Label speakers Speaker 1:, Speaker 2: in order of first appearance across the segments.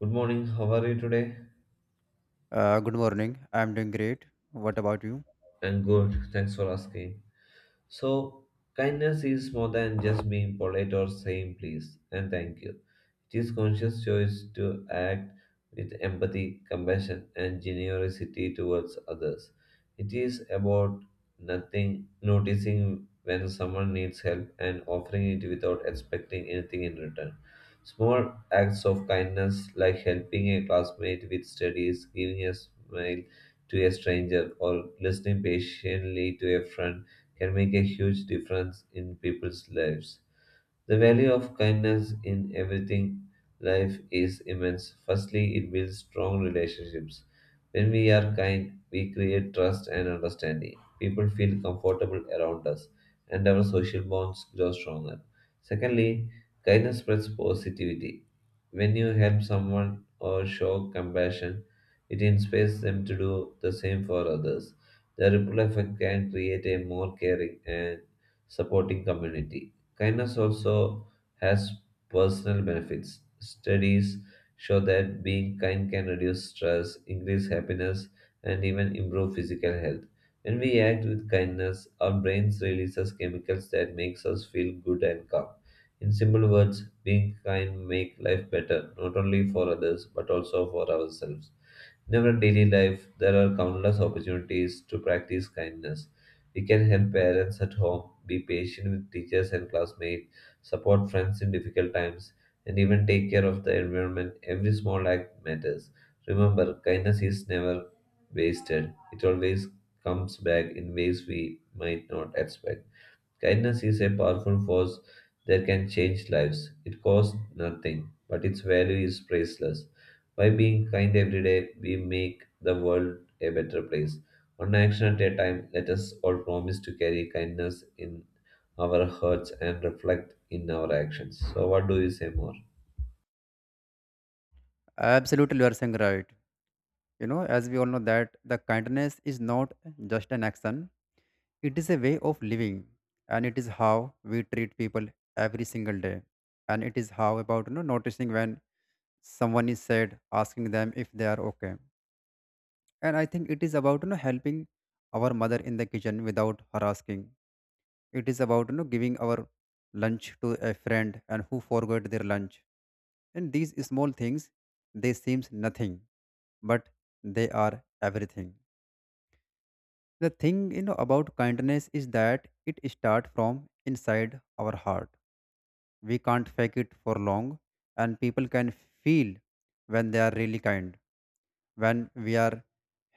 Speaker 1: Good morning. How are you today?
Speaker 2: Good morning. I'm doing great. What about you?
Speaker 1: I'm good. Thanks for asking. So, kindness is more than just being polite or saying please and thank you. This conscious choice to act with empathy, compassion, and generosity towards others. It is about nothing noticing when someone needs help and offering it without expecting anything in return. Small acts of kindness like helping a classmate with studies, giving a smile to a stranger, or listening patiently to a friend can make a huge difference in people's lives. The value of kindness in everything life is immense. Firstly, it builds strong relationships. When we are kind, we create trust and understanding. People feel comfortable around us, and our social bonds grow stronger. Secondly, kindness spreads positivity. When you help someone or show compassion, it inspires them to do the same for others. The ripple effect can create a more caring and supporting community. Kindness also has personal benefits. Studies show that being kind can reduce stress, increase happiness, and even improve physical health. When we act with kindness, our brains releases chemicals that makes us feel good and calm. In simple words, being kind make life better, not only for others but also for ourselves. In our daily life, there are countless opportunities to practice kindness. We can help parents at home, be patient with teachers and classmates, support friends in difficult times, and even take care of the environment. Every small act matters. Remember, kindness is never wasted, it always comes back in ways we might not expect. Kindness is a powerful force that can change lives. It costs nothing, but its value is priceless. By being kind every day, we make the world a better place. One action at a time, let us all promise to carry kindness in our hearts and reflect in our actions. So, what do you say more?
Speaker 2: Absolutely, you are saying right. As we all know that the kindness is not just an action; it is a way of living, and it is how we treat people every single day, and it is how about noticing when someone is sad, asking them if they are okay. And I think it is about helping our mother in the kitchen without her asking. It is about giving our lunch to a friend and who forgot their lunch. And these small things, they seems nothing, but they are everything. The thing about kindness is that it starts from inside our heart. We can't fake it for long, and people can feel when they are really kind, when we are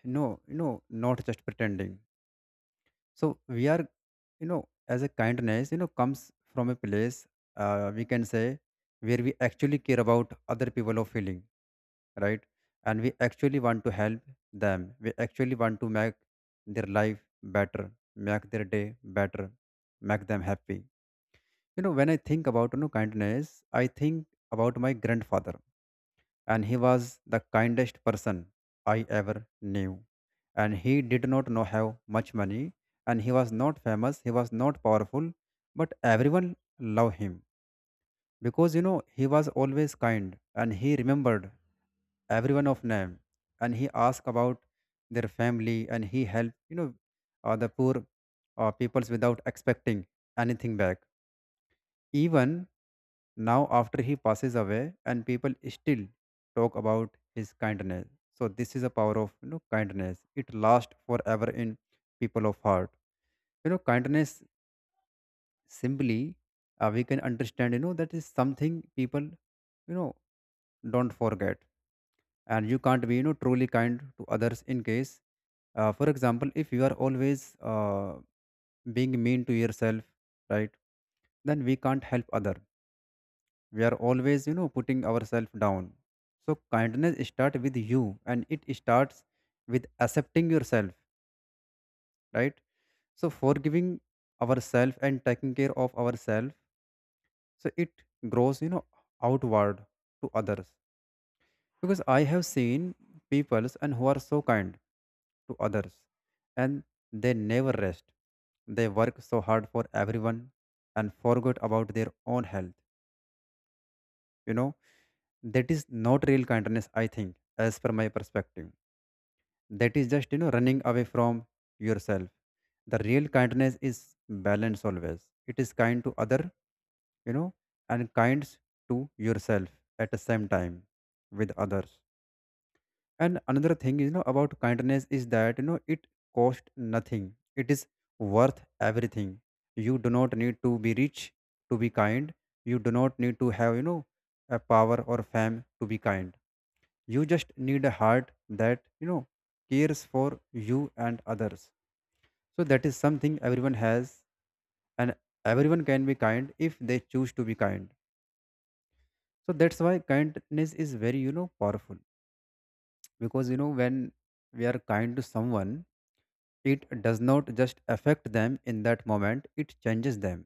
Speaker 2: not just pretending. So we are, as a kindness comes from a place, we can say, where we actually care about other people or feeling right, and we actually want to help them, we actually want to make their life better, make their day better, make them happy. When I think about kindness, I think about my grandfather, and he was the kindest person I ever knew. And he did not know how much money, and he was not famous, he was not powerful, but everyone loved him, because he was always kind, and he remembered everyone of name, and he asked about their family, and he helped, the poor peoples without expecting anything back, even now after he passes away, and people still talk about his kindness. So this is a power of kindness, it lasts forever in people of heart. Kindness, simply, we can understand, that is something people you know don't forget. And you can't be truly kind to others, in case, for example, if you are always being mean to yourself, right? Then we can't help other, we are always putting ourselves down. So kindness starts with you, and it starts with accepting yourself, right? So forgiving ourselves and taking care of ourselves, so it grows outward to others. Because I have seen people and who are so kind to others, and they never rest, they work so hard for everyone and forget about their own health. you know that is not real kindness, I think, as per my perspective. That is just running away from yourself. The real kindness is balance always, it is kind to other, you know and kind to yourself at the same time, with others. And another thing is, about kindness is that, it costs nothing. It is worth everything. You do not need to be rich to be kind. You do not need to have, a power or fame to be kind. You just need a heart that, cares for you and others. So that is something everyone has, and everyone can be kind if they choose to be kind. So that's why kindness is very, powerful. Because when we are kind to someone, it does not just affect them in that moment, it changes them,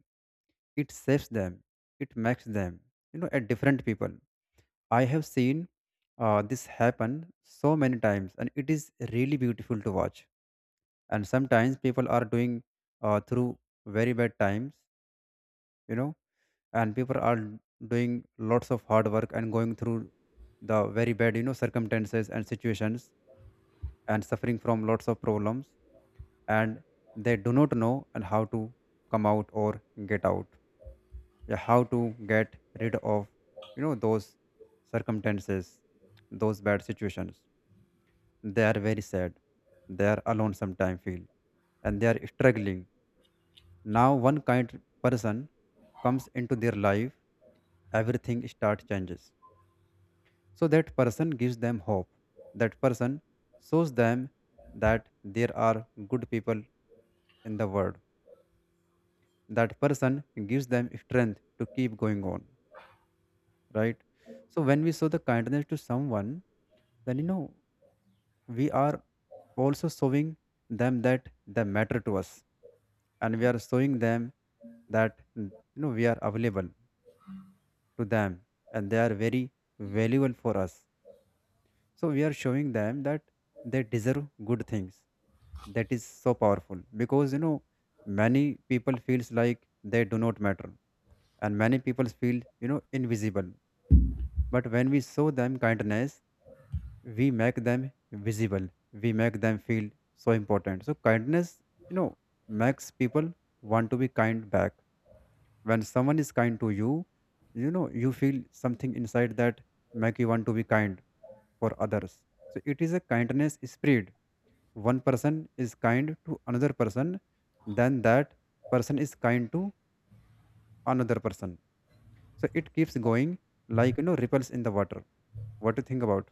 Speaker 2: it saves them, it makes them a different people. I have seen this happen so many times, and it is really beautiful to watch. And sometimes people are doing, through very bad times, you know and people are doing lots of hard work and going through the very bad circumstances and situations, and suffering from lots of problems. And they do not know and how to come out or get out. Yeah, how to get rid of those circumstances, those bad situations. They are very sad, they are alone sometimes feel, and they are struggling. Now one kind person comes into their life, everything start changes. So that person gives them hope, that person shows them that there are good people in the world, that person gives them strength to keep going on, right? So when we show the kindness to someone, then we are also showing them that they matter to us. And we are showing them that we are available to them. And they are very valuable for us, so we are showing them that they deserve good things. That is so powerful, because many people feels like they do not matter, and many people feel invisible. But when we show them kindness, we make them visible, we make them feel so important. So kindness you know makes people want to be kind back. When someone is kind to you, you know you feel something inside that make you want to be kind for others. So it is a kindness spread, one person is kind to another person, then that person is kind to another person. So it keeps going, like, ripples in the water. What do you think about?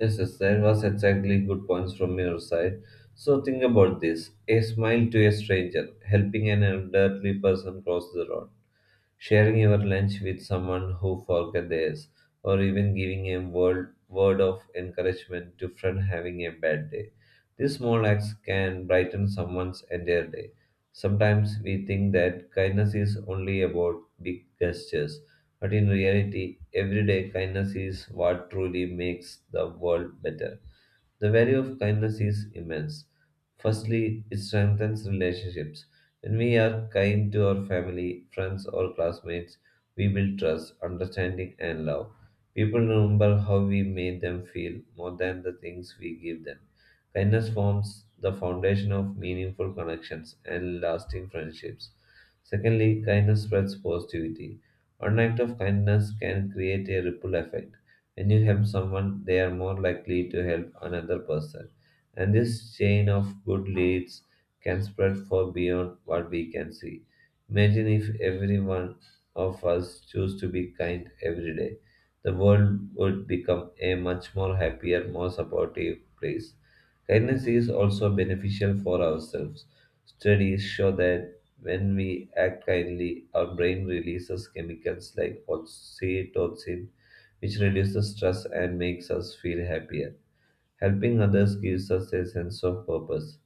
Speaker 1: Yes, yes, that was exactly good points from your side. So think about this. A smile to a stranger, helping an elderly person cross the road, sharing your lunch with someone who forgot theirs, or even giving a word of encouragement to friend having a bad day. These small acts can brighten someone's entire day. Sometimes we think that kindness is only about big gestures, but in reality, everyday kindness is what truly makes the world better. The value of kindness is immense. Firstly, it strengthens relationships. When we are kind to our family, friends, or classmates, we build trust, understanding, and love. People remember how we made them feel more than the things we give them. Kindness forms the foundation of meaningful connections and lasting friendships. Secondly, kindness spreads positivity. One act of kindness can create a ripple effect. When you help someone, they are more likely to help another person. And this chain of good leads can spread far beyond what we can see. Imagine if every one of us choose to be kind every day. The world would become a much more happier, more supportive place. Kindness is also beneficial for ourselves. Studies show that when we act kindly, our brain releases chemicals like oxytocin which reduces stress and makes us feel happier. Helping others gives us a sense of purpose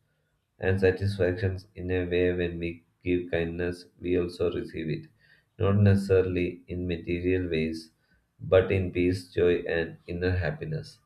Speaker 1: and satisfaction in a way when we give kindness, we also receive it. Not necessarily in material ways, but in peace, joy, and inner happiness.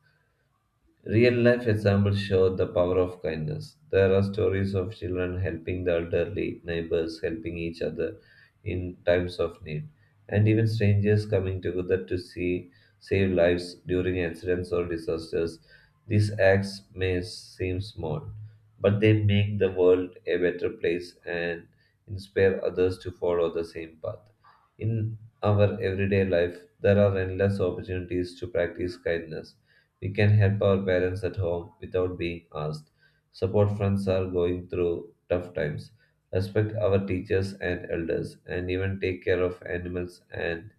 Speaker 1: Real life examples show the power of kindness. There are stories of children helping the elderly, neighbors helping each other in times of need, and even strangers coming together to see save lives during accidents or disasters. These acts may seem small, but they make the world a better place and inspire others to follow the same path. In our everyday life, there are endless opportunities to practice kindness we can help our parents at home without being asked, support friends who are going through tough times, respect our teachers and elders, and even take care of animals and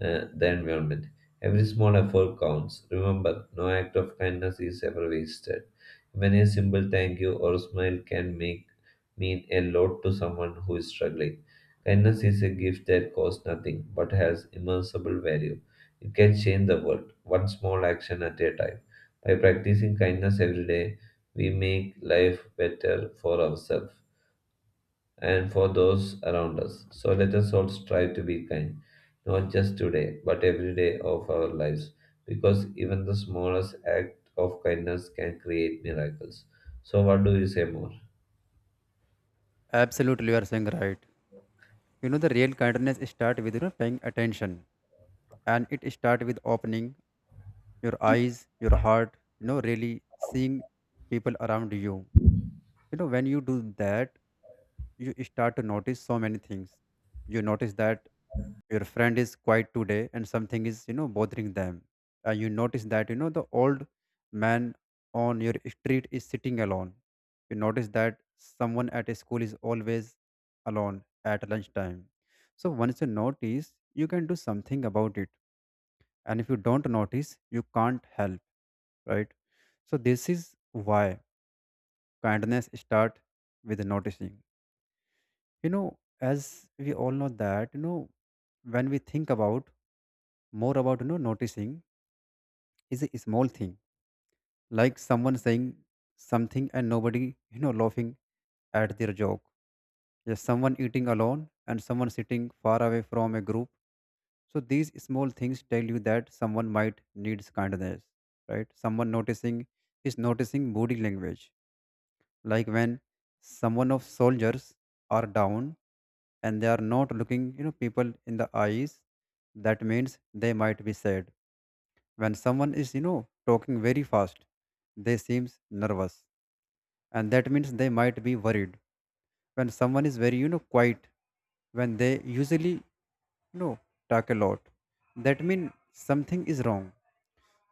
Speaker 1: the environment. Every small effort counts. Remember, no act of kindness is ever wasted. Even a simple thank you or smile can make mean a lot to someone who is struggling. Kindness is a gift that costs nothing but has immeasurable value. You can change the world, one small action at a time. By practicing kindness every day, we make life better for ourselves and for those around us. So let us all strive to be kind, not just today, but every day of our lives, because even the smallest act of kindness can create miracles. So, what do you say more?
Speaker 2: Absolutely, you are saying right. The real kindness start with, paying attention. And it start with opening your eyes, your heart, really seeing people around you. When you do that, you start to notice so many things. You notice that your friend is quiet today and something is, bothering them. And you notice that, the old man on your street is sitting alone. You notice that someone at a school is always alone at lunchtime. So once you notice, you can do something about it. And if you don't notice, you can't help, right? So this is why kindness start with noticing. you know as we all know that when we think about more about noticing is a small thing, like someone saying something and nobody laughing at their joke. Yes, someone eating alone, and someone sitting far away from a group. So these small things tell you that someone might needs kindness, right? Someone noticing is noticing body language, like when someone of soldiers are down, and they are not looking people in the eyes, that means they might be sad. When someone is talking very fast, they seems nervous, and that means they might be worried. When someone is very quiet, when they usually know talk a lot, that means something is wrong.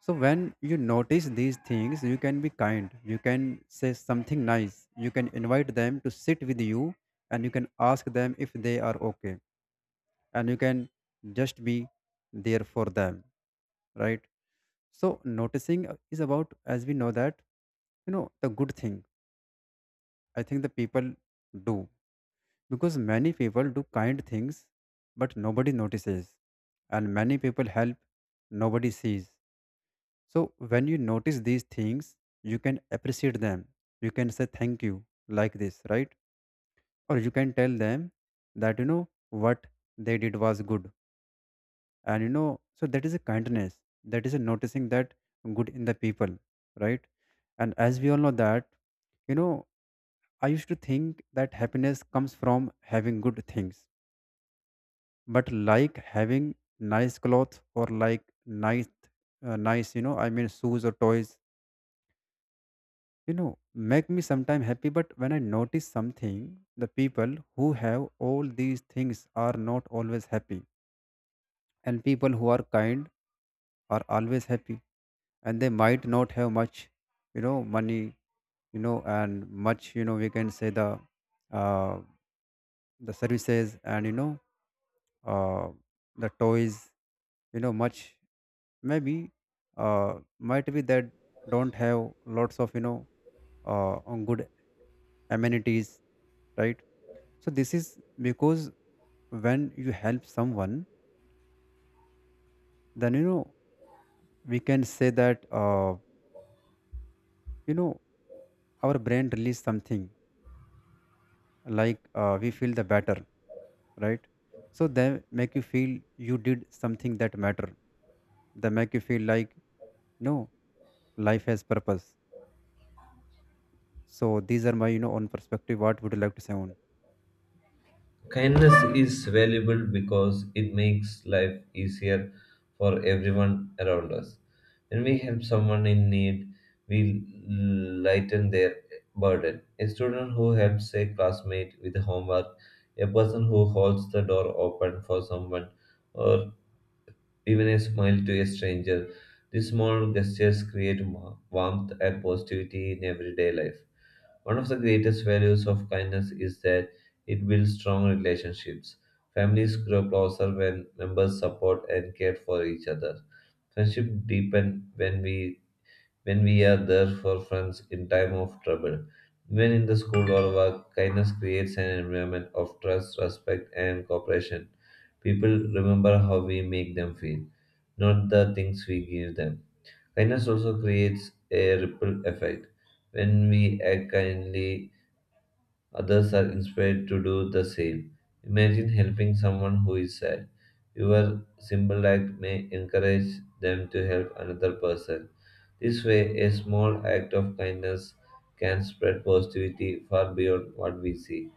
Speaker 2: So when you notice these things, you can be kind, you can say something nice, you can invite them to sit with you, and you can ask them if they are okay, and you can just be there for them, right? So noticing is about, as we know that, the good thing. I think the people do, because many people do kind things, but nobody notices, and many people help, nobody sees. So when you notice these things, you can appreciate them. You can say thank you like this, right? Or you can tell them that you know what they did was good. And so that is a kindness. That is a noticing that good in the people, right? And as we all know that, you know, I used to think that happiness comes from having good things. But like having nice clothes, or like nice, I mean shoes or toys you know make me sometime happy. But when I notice something, the people who have all these things are not always happy, and people who are kind are always happy. And they might not have much money, and much, we can say, the, uh, services, and you know uh, the toys, much, maybe uh, might be that don't have lots of uh, good amenities, right? So this is because when you help someone, then we can say that, you know our brain release something like, we feel the better, right? So they make you feel you did something that matter. They make you feel like, no, life has purpose. So these are my own perspective. What would you like to say on?
Speaker 1: Kindness is valuable because it makes life easier for everyone around us. When we help someone in need, we lighten their burden. A student who helps a classmate with homework, a person who holds the door open for someone, or even a smile to a stranger. These small gestures create warmth and positivity in everyday life. One of the greatest values of kindness is that it builds strong relationships. Families grow closer when members support and care for each other. Friendship deepen when we are there for friends in time of trouble. Even in the school or work, kindness creates an environment of trust, respect, and cooperation. People remember how we make them feel, not the things we give them. Kindness also creates a ripple effect. When we act kindly, others are inspired to do the same. Imagine helping someone who is sad. Your simple act may encourage them to help another person. This way, a small act of kindness can spread positivity far beyond what we see.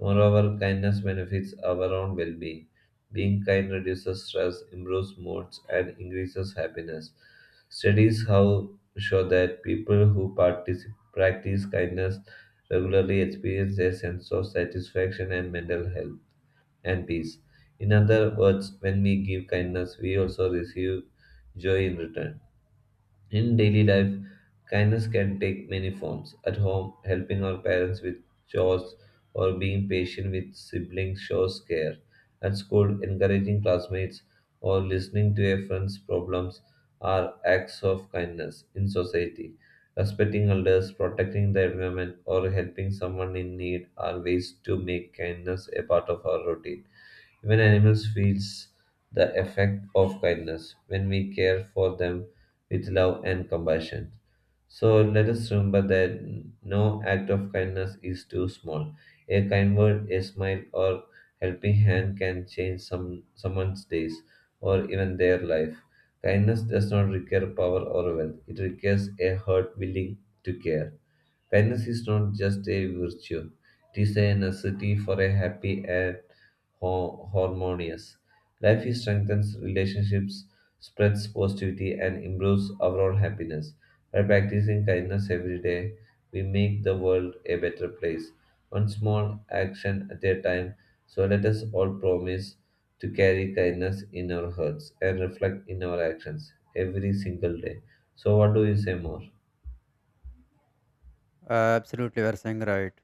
Speaker 1: Moreover, kindness benefits our own well being. Being kind reduces stress, improves moods, and increases happiness. Studies how show that people who practice kindness regularly experience a sense of satisfaction and mental health and peace. In other words, when we give kindness, we also receive joy in return. In daily life, kindness can take many forms. At home, helping our parents with chores or being patient with siblings shows care. At school, encouraging classmates or listening to a friend's problems are acts of kindness. In society, respecting elders, protecting the environment, or helping someone in need are ways to make kindness a part of our routine. Even animals feels the effect of kindness when we care for them with love and compassion. So let us remember that no act of kindness is too small. A kind word, a smile, or helping hand can change someone's days or even their life. Kindness does not require power or wealth. It requires a heart willing to care. Kindness is not just a virtue, it is a necessity for a happy and harmonious life. It strengthens relationships, spreads positivity, and improves overall happiness. By practicing kindness every day, we make the world a better place, one small action at a time. So let us all promise to carry kindness in our hearts and reflect in our actions every single day. So, what do you say more?
Speaker 2: Absolutely, you are saying right.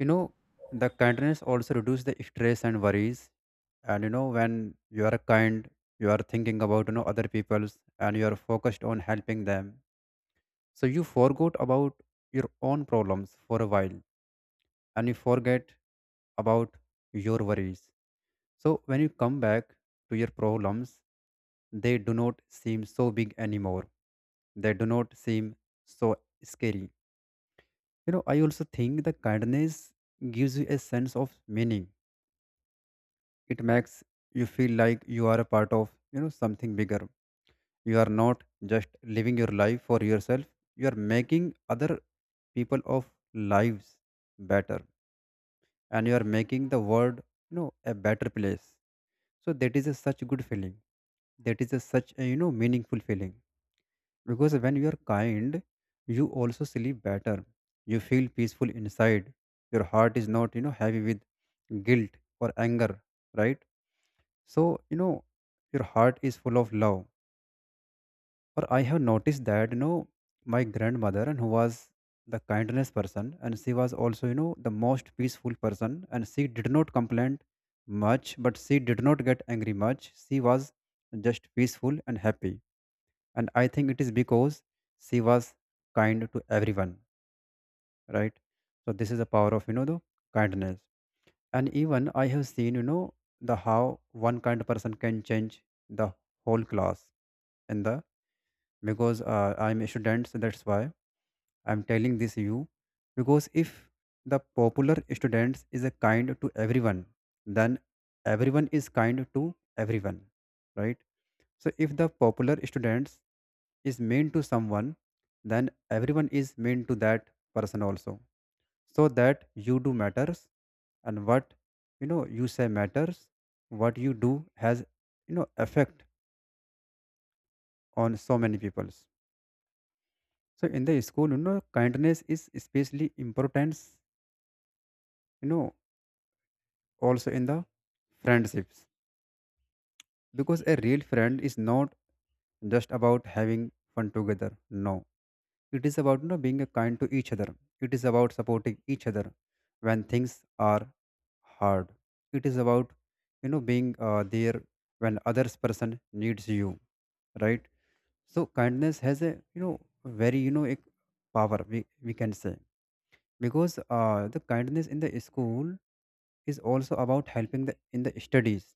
Speaker 2: You know the kindness also reduce the stress and worries, and when you are kind, you are thinking about other people's, and you are focused on helping them. So you forgot about your own problems for a while, and you forget about your worries. So when you come back to your problems, they do not seem so big anymore. They do not seem so scary. I also think the kindness gives you a sense of meaning. It makes you feel like you are a part of something bigger. You are not just living your life for yourself, you are making other people of lives better, and you are making the world a better place. So that is a such a good feeling. That is a such a meaningful feeling, because when you are kind, you also sleep better. You feel peaceful inside. Your heart is not heavy with guilt or anger, right? So your heart is full of love. Or I have noticed that, my grandmother and who was the kindness person, and she was also, the most peaceful person, and she did not complain much, but she did not get angry much. She was just peaceful and happy. And I think it is because she was kind to everyone, right? So this is the power of, the kindness. And even I have seen, the how one kind person can change the whole class in the because I'm a student, so that's why. I'm telling this you because if the popular students is a kind to everyone, then everyone is kind to everyone, right? So if the popular students is mean to someone, then everyone is mean to that person also. So that you do matters, and what you say matters, what you do has effect on so many peoples. So in the school, kindness is especially important, you know, also in the friendships, because a real friend is not just about having fun together. No, it is about being kind to each other. It is about supporting each other when things are hard. It is about being there when others person needs you, right? So kindness has a very a power, we can say, because the kindness in the school is also about helping the in the studies,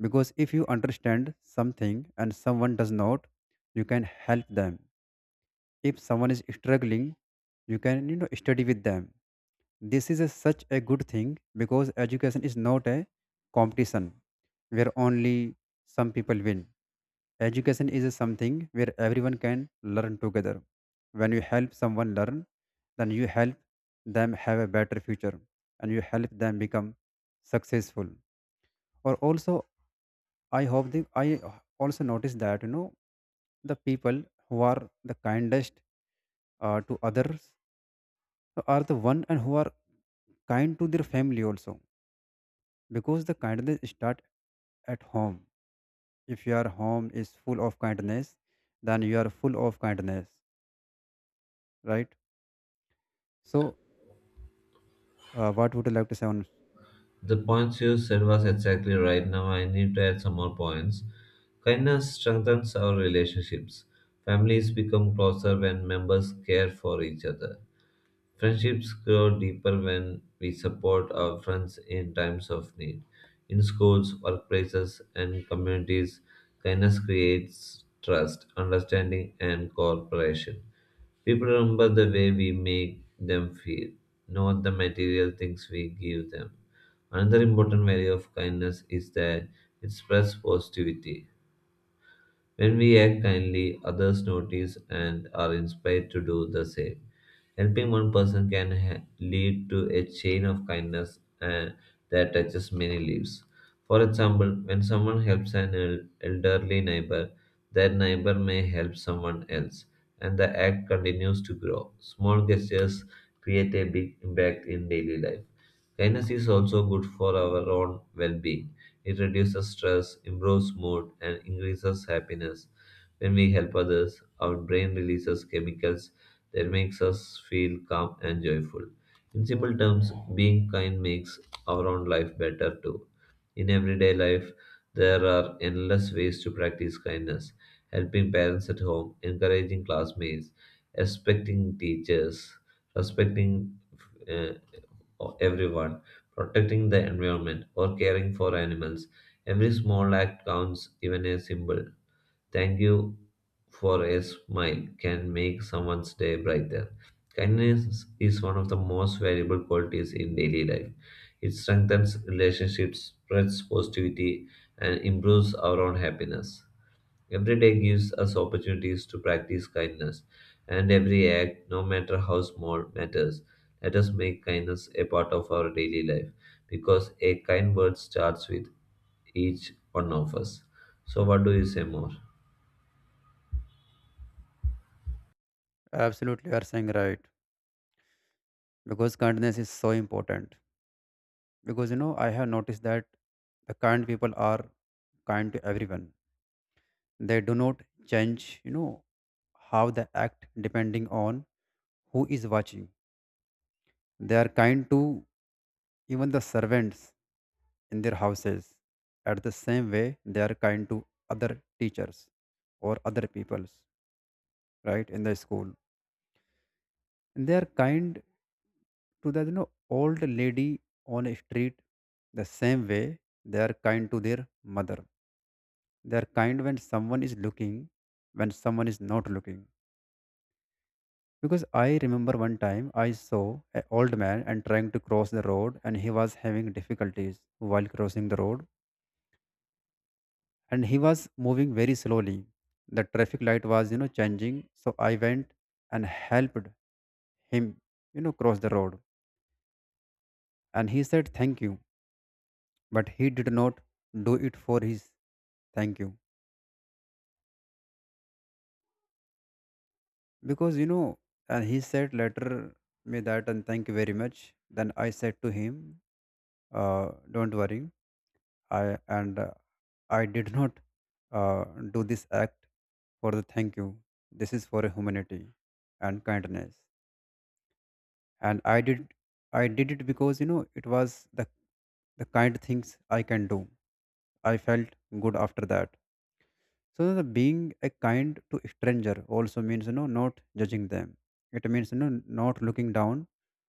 Speaker 2: because if you understand something and someone does not, you can help them. If someone is struggling, you can study with them. This is a, such a good thing, because education is not a competition where only some people win. Education is something where everyone can learn together. When you help someone learn, then you help them have a better future, and you help them become successful. Or also I hope the I also noticed that the people who are the kindest to others so are the one and who are kind to their family also, because the kindness start at home. If your home is full of kindness, then you are full of kindness, right? So, what would you like to say on?
Speaker 1: The points you said was exactly right. Now I need to add some more points. Kindness strengthens our relationships. Families become closer when members care for each other. Friendships grow deeper when we support our friends in times of need. In schools, workplaces, and communities, kindness creates trust, understanding, and cooperation. People remember the way we make them feel, not the material things we give them. Another important value of kindness is that it spreads positivity. When we act kindly, others notice and are inspired to do the same. Helping one person can lead to a chain of kindness that touches many lives. For example, when someone helps an elderly neighbor, that neighbor may help someone else, and the act continues to grow. Small gestures create a big impact in daily life. Kindness is also good for our own well being. It reduces stress, improves mood, and increases happiness. When we help others, our brain releases chemicals that makes us feel calm and joyful. In simple terms, being kind makes our own life better too. In everyday life, there are endless ways to practice kindness, helping parents at home, encouraging classmates, respecting teachers, respecting uh, everyone protecting the environment, or caring for animals. Every small act counts, even a simple thank you for a smile can make someone's day brighter. Kindness is one of the most valuable qualities in daily life. It strengthens relationships, spreads positivity, and improves our own happiness. Every day gives us opportunities to practice kindness, and every act, no matter how small, matters. Let us make kindness a part of our daily life because a kind word starts with each one of us. So, what do you say more?
Speaker 2: Absolutely, you are saying right, because kindness is so important. Because I have noticed that the kind people are kind to everyone. They do not change, how they act depending on who is watching. They are kind to even the servants in their houses. At the same way, they are kind to other teachers or other peoples, right, in the school. And they are kind to the old lady on a street the same way they are kind to their mother. They are kind when someone is looking, when someone is not looking. Because I remember one time I saw an old man and trying to cross the road, and he was having difficulties while crossing the road, and he was moving very slowly. The traffic light was, changing. So I went and helped him, cross the road. And he said thank you. But he did not do it for his thank you. Because and he said later me that and thank you very much. Then I said to him, don't worry. I and I did not uh, do this act for the thank you. This is for humanity and kindness. And I did it because it was the kind things I can do. I felt good after that. So the being a kind to stranger also means not judging them. It means not looking down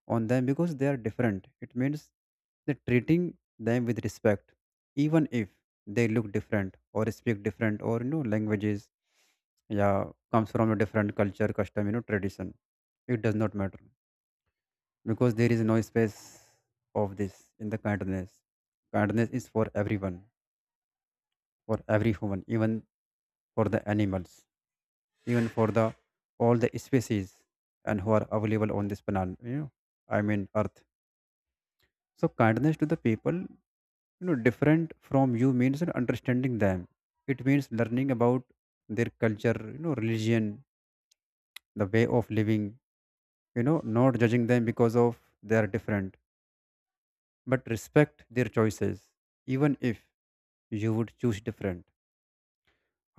Speaker 2: on them because they are different. It means that treating them with respect, even if they look different or speak different or languages, yeah, comes from a different culture, custom, tradition. It does not matter, because there is no space of this in the kindness. Kindness is for everyone, for every human, even for the animals, even for the all the species and who are available on this planet, I mean earth. So kindness to the people different from you means that understanding them. It means learning about their culture, religion, the way of living, not judging them because of they are different, but respect their choices, even if you would choose different.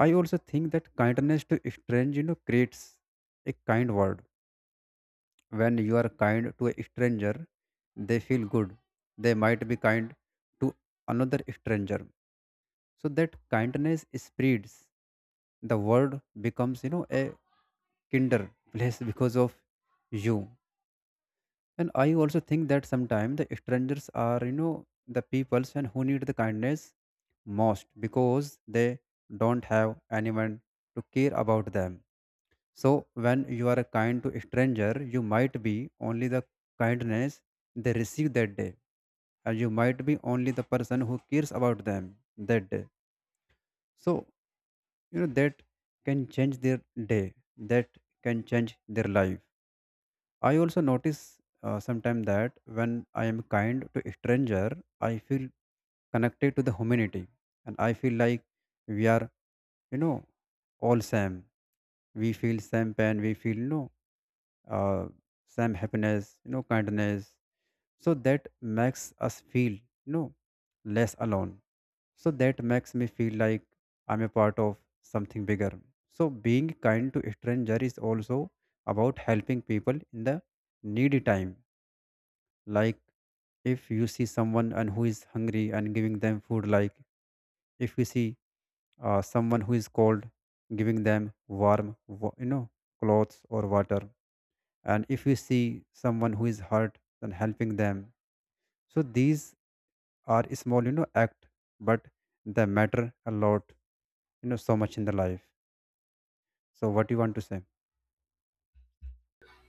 Speaker 2: I also think that kindness to strange creates a kind world. When you are kind to a stranger, they feel good. They might be kind to another stranger. So that kindness spreads. The world becomes, a kinder place because of you. And I also think that sometimes the strangers are, the peoples and who need the kindness most, because they don't have anyone to care about them. So, when you are kind to a stranger, you might be only the kindness they receive that day, and you might be only the person who cares about them that day. So, that can change their day, that can change their life. I also notice sometimes that when I am kind to a stranger, I feel connected to the humanity, and I feel like we are, you know, all same. We feel same pain, we feel no uh, some happiness, kindness. So that makes us feel, know, less alone. So that makes me feel like I'm a part of something bigger. So being kind to stranger is also about helping people in the needy time. Like if you see someone and who is hungry and giving them food, like if you see someone who is cold, giving them warm, clothes or water, and if you see someone who is hurt, then helping them. So these are small act, but they matter a lot so much in the life. So what you want to say?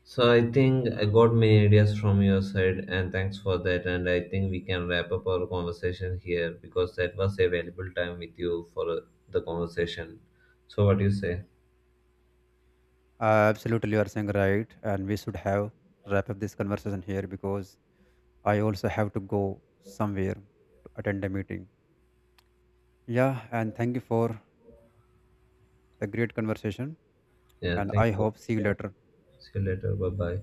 Speaker 1: So, I think I got many ideas from your side, and thanks for that. And I think we can wrap up our conversation here because that was a valuable time with you for the conversation. So, what do you say?
Speaker 2: Absolutely, you are saying right, and we should have wrap up this conversation here, because I also have to go somewhere to attend a meeting. Yeah, and thank you for the great conversation.
Speaker 1: Yeah,
Speaker 2: And
Speaker 1: thank
Speaker 2: I
Speaker 1: you.
Speaker 2: hope see you later.
Speaker 1: See you later. Bye bye.